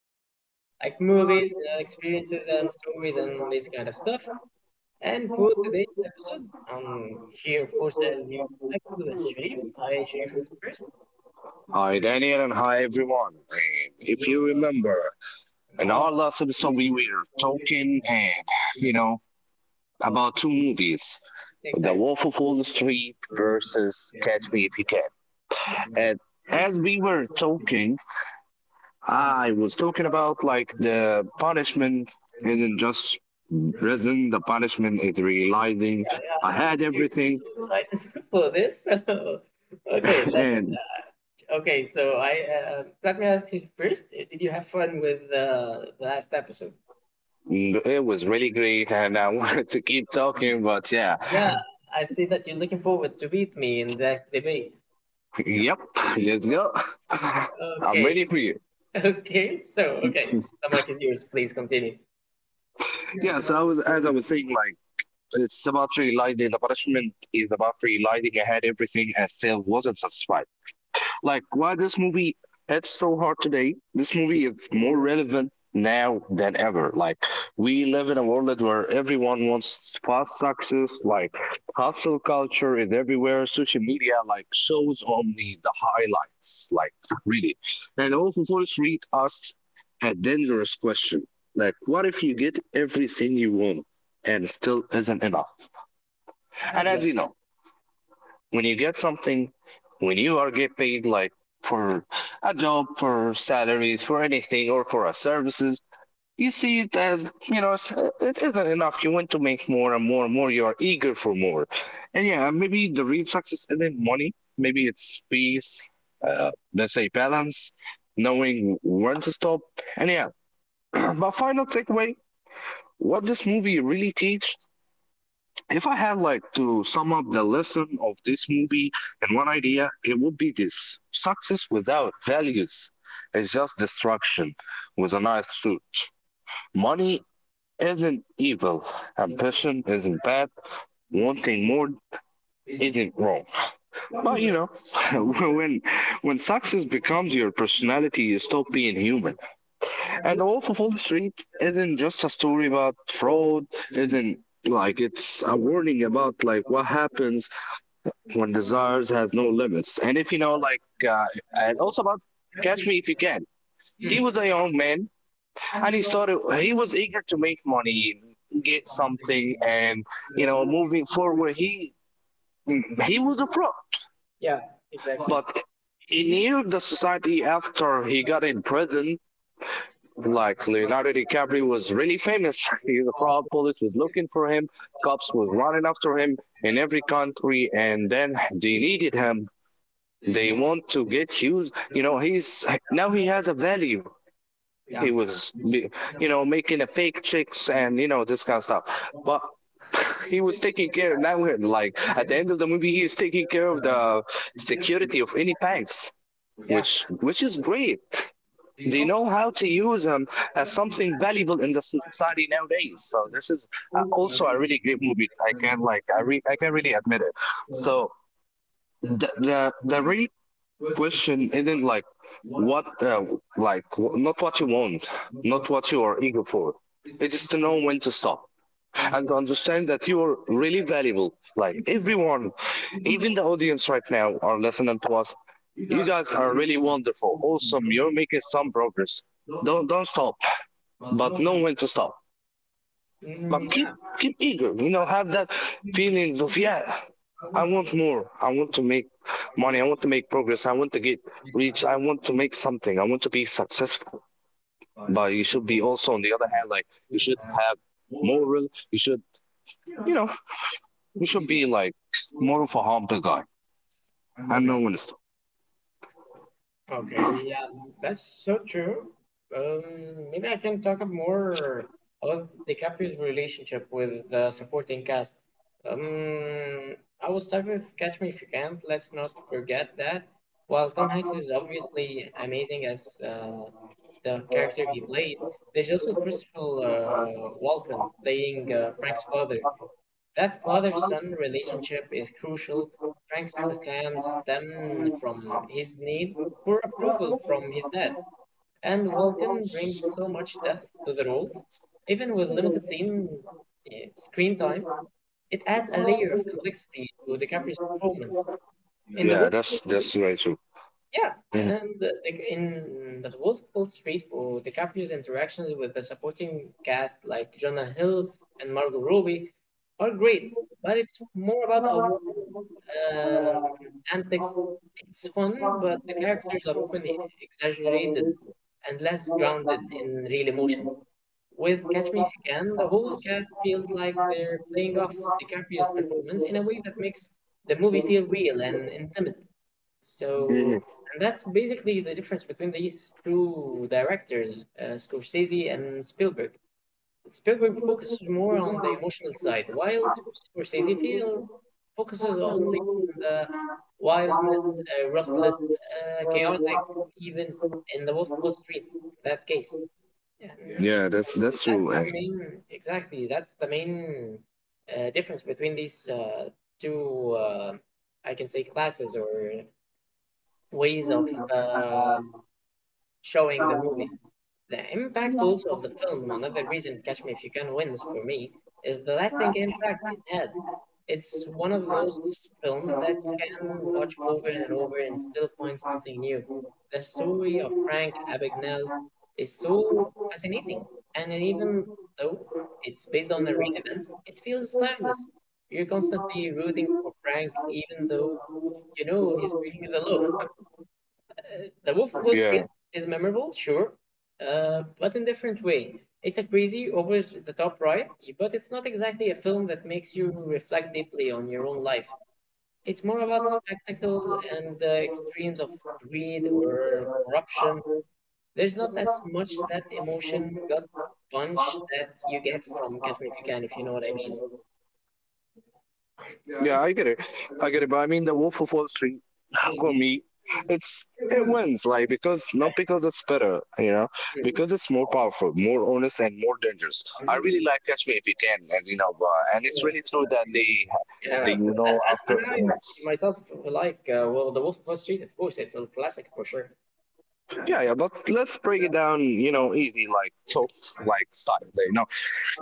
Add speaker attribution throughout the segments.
Speaker 1: things like movies, experiences, and stories, and this kind of stuff. And for today's episode, I'm here, of course, as you expect, with Sharif. Hi, Sharif, if you're first.
Speaker 2: Hi, Daniel, and hi, everyone. And if you remember, in our last episode, we were talking you know, about two movies. The
Speaker 1: Exactly.
Speaker 2: Wolf of Wall Street versus Catch Me If You Can.
Speaker 1: Yeah.
Speaker 2: And as we were talking, I was talking about like the punishment isn't just prison, the punishment is realizing
Speaker 1: Yeah,
Speaker 2: I
Speaker 1: yeah.
Speaker 2: had
Speaker 1: You're
Speaker 2: everything
Speaker 1: so excited for this. Okay, let
Speaker 2: and
Speaker 1: okay. So I let me ask you first. Did you have fun with the last episode?
Speaker 2: it was really great. And I wanted to keep talking, but yeah.
Speaker 1: Yeah, I see that you're looking forward to beat me in this debate.
Speaker 2: Yep, let's go. I'm
Speaker 1: Okay,
Speaker 2: ready for you.
Speaker 1: okay. So okay, the mic is yours. Please continue.
Speaker 2: Yeah, so I was, as I was saying, like it's about relighting. The punishment is about relighting. I had everything and still wasn't satisfied. Like, why this movie hits so hard today? This movie is more relevant now than ever. Like, we live in a world where everyone wants fast success, like, hustle culture is everywhere, social media, like, shows only the highlights, like, really. And also, Forest Reed asks a dangerous question. Like, what if you get everything you want and still isn't enough? And as
Speaker 1: Yeah.
Speaker 2: you know, when you get something, when you are get paid like for a job, for salaries, for anything, or for a services, you see it as it isn't enough. You want to make more and more and more. You are eager for more, and yeah, maybe the real success isn't money. Maybe it's peace. Uh, let's say balance, knowing when to stop, and yeah. My final takeaway: what this movie really teach if I had like to sum up the lesson of this movie in one idea, it would be this. Success without values is just destruction with a nice suit. Money isn't evil. Ambition isn't bad. Wanting more isn't wrong. But you know, when when success becomes your personality, you stop being human. And The Wolf of Wall Street isn't just a story about fraud, isn't like it's a warning about like what happens when desires has no limits. And if you know, like, uh, and also about Catch Me If You Can. He
Speaker 1: Mm.
Speaker 2: was a young man, and he started. He was eager to make money, get something, and you know, moving forward. He was a fraud.
Speaker 1: Yeah, exactly.
Speaker 2: But in year of the society after he got in prison, like Leonardo DiCaprio was really famous. He, the fraud police was looking for him, cops was running after him in every country, and then they needed him. They want to get Hughes. You know, he's now he has a value. He was, you know, making a fake chicks and you know this kind of stuff. But he was taking care of. Now, like at the end of the movie, he is taking care of the security of any banks,
Speaker 1: Yeah.
Speaker 2: which is great. They know how to use him as something valuable in the society nowadays. So this is also a really great movie. I can I can really admit it. So the re question isn't like what, uh, not what you want, not what you are eager for. It is to know when to stop and to understand that you are really valuable. Like everyone, even the audience right now are listening to us. You guys are really wonderful, awesome. You're making some progress. Don't stop, but know when to stop.
Speaker 1: Mm,
Speaker 2: keep
Speaker 1: yeah.
Speaker 2: keep eager, you know, have that feelings of yeah, I want more, I want to make money, I want to make progress, I want to get rich, I want to make something, I want to be successful, but you should be also on the other hand like you should have moral, you should, you know, you should be like more of a humble guy and no
Speaker 1: Okay.
Speaker 2: one is.
Speaker 1: Okay, yeah, that's so true. Maybe I can talk up more about DiCaprio's relationship with the supporting cast. Um, I was stuck with Catch Me If You Can. Let's not forget that. While Tom Hanks is obviously amazing as the character he played, there's also Christopher Walken playing Frank's father. That father-son relationship is crucial. Frank scams stem from his need for approval from his dad, and Walken brings so much depth to the role. Even with limited screen time, it adds a layer of complexity to DiCaprio's performance. In The
Speaker 2: Yeah,
Speaker 1: Wolf of Wall
Speaker 2: that's
Speaker 1: Street,
Speaker 2: very true.
Speaker 1: yeah,
Speaker 2: Mhm.
Speaker 1: and in the Wolf of Wall Street, for DiCaprio's interactions with the supporting cast like Jonah Hill and Margot Robbie are great, but it's more about avoiding um antics. It's fun, but the characters are often exaggerated and less grounded in real emotion. With Catch Me If You Can, the whole cast feels like they're playing off DiCaprio's performance in a way that makes the movie feel real and intimate.
Speaker 2: Mhm.
Speaker 1: So, and that's basically the difference between these two directors, Scorsese and Spielberg. Spielberg focuses more on the emotional side, while Scorsese feel, focuses only on the wildness, ruthless, chaotic, even in the Wolf of Wall Street, in that case. And
Speaker 2: Yeah, that's
Speaker 1: so
Speaker 2: that's
Speaker 1: that's
Speaker 2: true. And
Speaker 1: the main, exactly, that's the main difference between these two, I can say, classes or ways of showing the movie. The impact also of the film, another reason Catch Me If You Can wins for me, is the lasting impact it had. It's one of those films that you can watch over and over and still find something new. The story of Frank Abagnale is so fascinating, and even though it's based on the real events, it feels timeless. You're constantly rooting for Frank, even though you know he's breaking the law. The Wolf of Wall
Speaker 2: yeah,
Speaker 1: Street is memorable, sure, but in a different way. It's a crazy, over the top ride, but it's not exactly a film that makes you reflect deeply on your own life. It's more about spectacle and the extremes of greed or corruption. There's not as much that emotion gut punch that you get from Catch Me If You Can, if you know what I mean.
Speaker 2: yeah, I get it. I get it, but I mean the Wolf of Wall Street for me, it wins like, because not
Speaker 1: Okay.
Speaker 2: because it's better, you know, because it's more powerful, more honest, and more dangerous. I really like Catch Me If You Can, and you know, and it's really true that
Speaker 1: Yeah,
Speaker 2: they
Speaker 1: of
Speaker 2: you
Speaker 1: course.
Speaker 2: know
Speaker 1: And
Speaker 2: after.
Speaker 1: I myself, well, The Wolf of Wall Street. Of course, it's a classic for sure.
Speaker 2: Yeah, yeah, but let's break it down, you know, easy like tough like style, you know.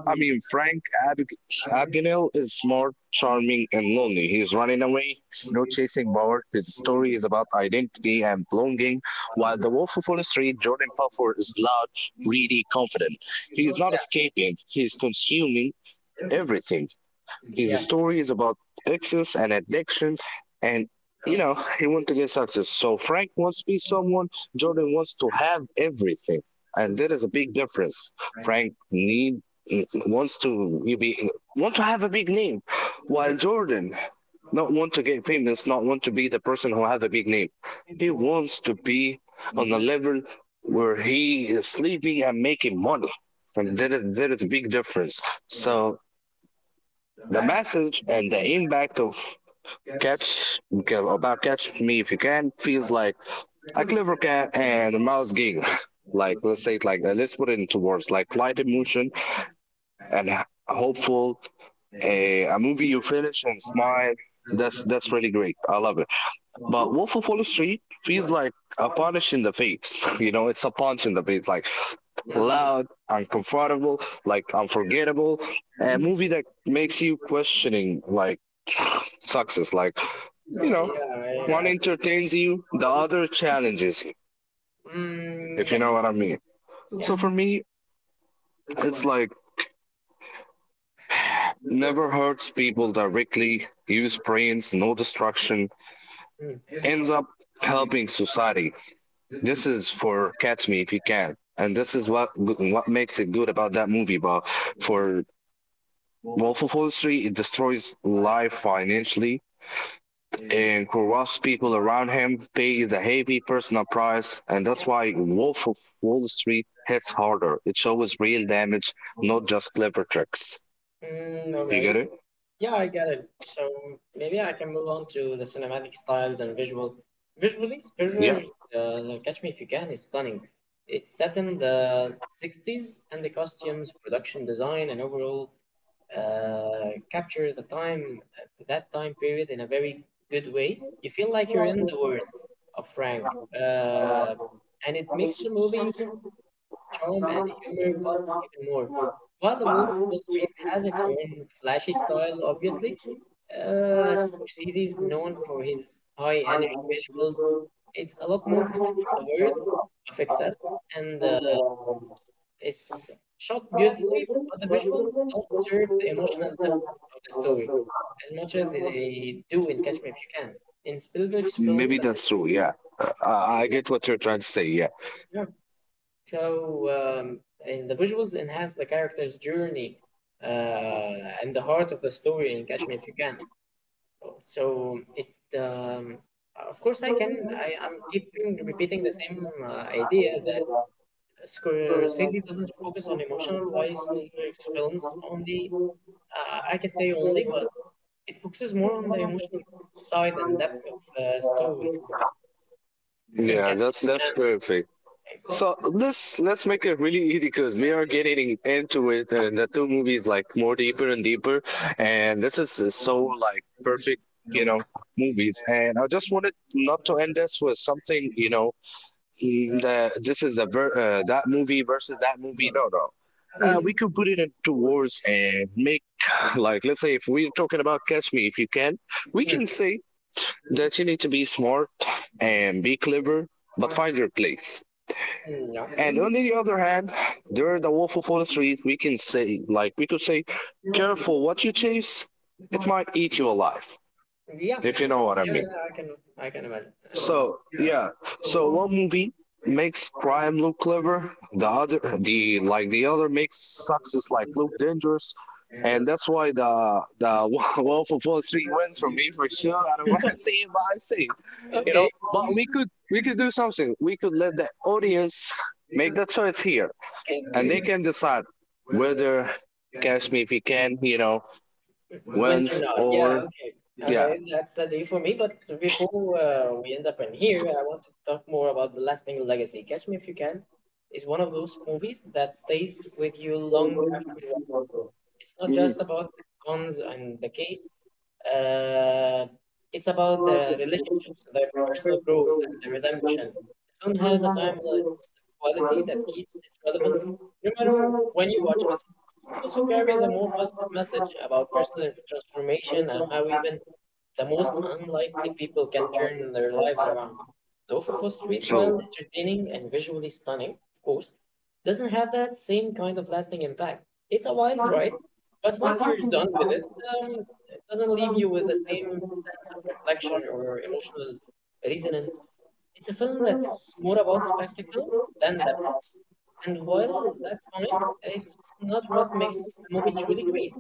Speaker 2: I mean, Frank Ab- Abagnale is smart, charming, and lonely. He's running away, no chasing power. His story is about identity and belonging, while the Wolf of Wall Street, Jordan Belfort, is loud, greedy, confident. He is not
Speaker 1: Yeah.
Speaker 2: escaping, he is consuming everything.
Speaker 1: Yeah.
Speaker 2: His story is about excess and addiction, and you know, he wants to get success. So Frank wants to be someone, Jordan wants to have everything, and there is a big difference. Frank need wants to you be, want to have a big name, while Jordan not want to get famous, not want to be the person who have a big name. He wants to be on a level where he is sleeping and making money. And there is a big difference. So the message and the impact of Catch about Catch Me If You Can feels like a clever cat and a mouse gig. Like let's say it like that. Let's put it into words like light emotion and hopeful. A movie you finish and smile. That's really great. I love it. But Wolf of Wall Street feels like a punch in the face. You know, it's a punch in the face. Like loud, uncomfortable, like unforgettable. A movie that makes you questioning like success, like you
Speaker 1: Mm.
Speaker 2: know,
Speaker 1: Yeah,
Speaker 2: one
Speaker 1: I
Speaker 2: entertains you, the other challenges you,
Speaker 1: mm,
Speaker 2: if you
Speaker 1: yeah.
Speaker 2: know what I mean.
Speaker 1: Yeah.
Speaker 2: So for me, it's like never hurts people directly, use brains, no destruction,
Speaker 1: Mm.
Speaker 2: ends up helping society. This is for Catch Me If You Can. And this is what makes it good about that movie, but for Willful forestry it destroys life financially and corrupts people around him, pays a heavy personal price, and that's
Speaker 1: Yeah.
Speaker 2: why willful forestry hits harder. It shows real damage, not just clever tricks.
Speaker 1: Mm,
Speaker 2: You get
Speaker 1: okay.
Speaker 2: it?
Speaker 1: Yeah, I get it. So maybe I can move on to the cinematic styles and visual. Visually,
Speaker 2: Yeah,
Speaker 1: Spielberg's Catch Me If You Can is stunning. It's set in the 60s, and the costumes, production design, and overall capture the time that time period in a very good way. You feel like you're in the world of Frank, and it makes the movie charm and humor pop even more. While The Wolf of Wall Street has its own flashy style, obviously, Scorsese is known for his high energy visuals. It's a lot more focused on the word of excess and it's shot beautifully, but the visuals don't serve the emotional depth of the story as much as they do in Catch Me If You Can. In Spielberg's film,
Speaker 2: maybe
Speaker 1: the
Speaker 2: that's true. Yeah, I
Speaker 1: Exactly.
Speaker 2: get what you're trying to say. Yeah,
Speaker 1: Yeah. So and the visuals enhance the character's journey uh, and the heart of the story in Catch Me If You Can. So it, of course, I can. I'm keeping repeating the same idea that Scorsese doesn't focus on emotional wise films only. I can say only, but it focuses more on the emotional side and depth of the story in
Speaker 2: yeah,
Speaker 1: Casper
Speaker 2: that's
Speaker 1: Again.
Speaker 2: perfect. So
Speaker 1: Exactly.
Speaker 2: let's make it really easy because we are getting into it, and the two movies like more deeper and deeper, and this is so like perfect, you know, movies. And I just wanted not to end this with something, you know, that this is a ver that movie versus that movie. No, no.
Speaker 1: Mm,
Speaker 2: We could
Speaker 1: mm,
Speaker 2: put it into wars and make like let's say if we're talking about Catch Me If You Can, we
Speaker 1: mm,
Speaker 2: can say that you need to be smart and be clever, but find your place. And on
Speaker 1: yeah.
Speaker 2: the other hand, there are the Wolf of Wall Street. We can say, like, we could say, careful what you chase. It might eat you alive,
Speaker 1: Yeah. Yeah,
Speaker 2: if you know what I
Speaker 1: yeah,
Speaker 2: mean.
Speaker 1: yeah, I, can, I can imagine.
Speaker 2: So, yeah. So one movie makes crime look clever. The other, the other makes success like look dangerous. And that's why the Wolf of Wall Street wins for me for sure. I
Speaker 1: Um,
Speaker 2: don't want to say it, but I say it, you know.
Speaker 1: Okay.
Speaker 2: But we could do something. We could let the audience make the choice here and they
Speaker 1: Okay.
Speaker 2: can decide whether Kashmir if he can, you know,
Speaker 1: Wins or
Speaker 2: wins
Speaker 1: not. Yeah,
Speaker 2: or
Speaker 1: okay.
Speaker 2: yeah.
Speaker 1: Okay, that's the day for me. But before we end up in here, I want to talk more about The Lasting Legacy. Catch Me If You Can is one of those movies that stays with you long after you it's not just
Speaker 2: Mhm.
Speaker 1: about the cons and the case. Uh, it's about the relationships, the personal growth, and the redemption. The film has a timeless quality that keeps it relevant no matter when you watch it. It also carries a more positive message about personal transformation and how even the most unlikely people can turn their lives around. The Wolf of Wall Street,
Speaker 2: True.
Speaker 1: while entertaining and visually stunning, of course, doesn't have that same kind of lasting impact. It's a wild ride, but once you're done with it, it doesn't leave you with the same sense of reflection or emotional resonance. It's a film that's more about spectacle than depth. And while that's fine, it's not what makes a movie truly great.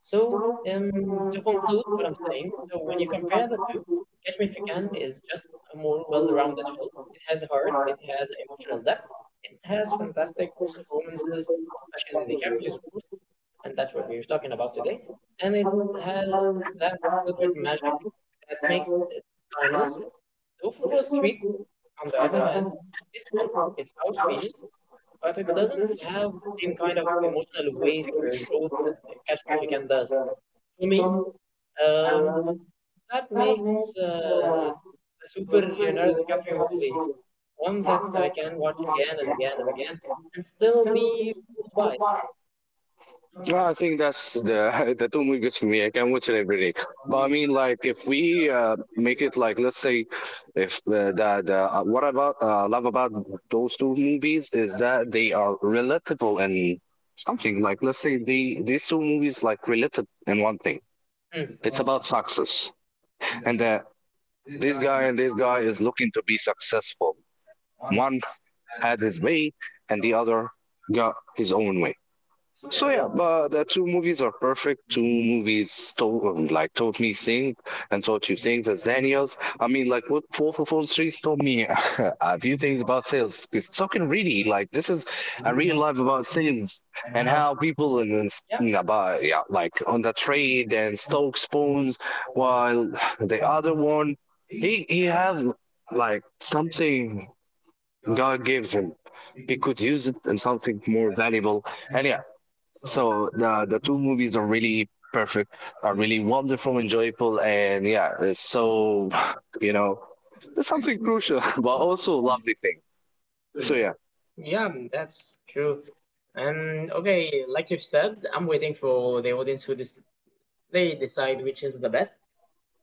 Speaker 1: So to conclude what I'm saying, so when you compare the two, Catch Me If You Can is just a more well-rounded film. It has heart, it has emotional depth, it has fantastic performances, especially the DiCaprio's, of course, and that's what we are talking about today. And it has that Spielberg magic that makes it timeless. The Wolf of Wall Street, on the other hand, is fun, it's outrageous, but it doesn't have the same kind of emotional weight or growth that Catch Me If You Can does. For me, um, that makes the super Leonardo DiCaprio movie one that I can watch again and again and again and still be moved by.
Speaker 2: No, I think that's the the two movies for me. I can watch it every day. But I mean, like, if we make it like, let's say, if the the what about love about those two movies is that they are relatable and something like, let's say, they these two movies like related in one thing.
Speaker 1: Mm. It's
Speaker 2: It's
Speaker 1: about
Speaker 2: about
Speaker 1: time.
Speaker 2: success, and that this guy and this guy is looking to be successful. One had his way, and the other got his own way.
Speaker 1: So,
Speaker 2: So
Speaker 1: yeah.
Speaker 2: yeah, but the two movies are perfect. Two movies told like taught me things and taught you things as Daniels. I mean, like what Four for Four Streets taught me a few things about sales. It's fucking
Speaker 1: Yeah.
Speaker 2: really like this is a real life about sales and how people and
Speaker 1: Yeah,
Speaker 2: about yeah like on the trade and stoke spoons, while the other one he have like something God gives him. He could use it in something more valuable. And yeah, so the two movies are really perfect, are really wonderful, enjoyable, and yeah, it's so you know, it's something crucial, but also a lovely thing. So yeah,
Speaker 1: yeah, mm, that's true. And okay, like you said, I'm waiting for the audience who dis they decide which is the best.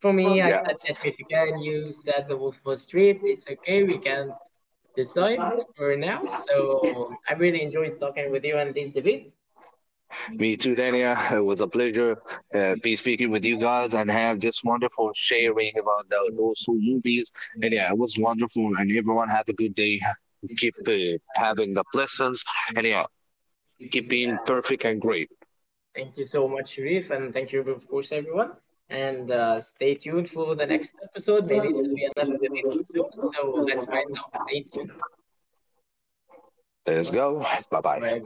Speaker 1: For me, I said Catch Me If You Can. You said The Wolf of Wall Street. It's okay, we can decide for now. So I really enjoyed talking with you and this debate.
Speaker 2: me too, Dania. It was a pleasure be speaking with you guys and have this wonderful sharing about those two movies. And yeah, it was wonderful, and everyone had a good day. Keep having the blessings, and yeah, keep
Speaker 1: Uh,
Speaker 2: being perfect and great.
Speaker 1: Thank you so much, Reef, and thank you, of course, everyone. And stay tuned for the next episode. Maybe it will be another debate soon. So so, let's find out. Stay tuned.
Speaker 2: Let's go. Bye bye.
Speaker 1: Bye.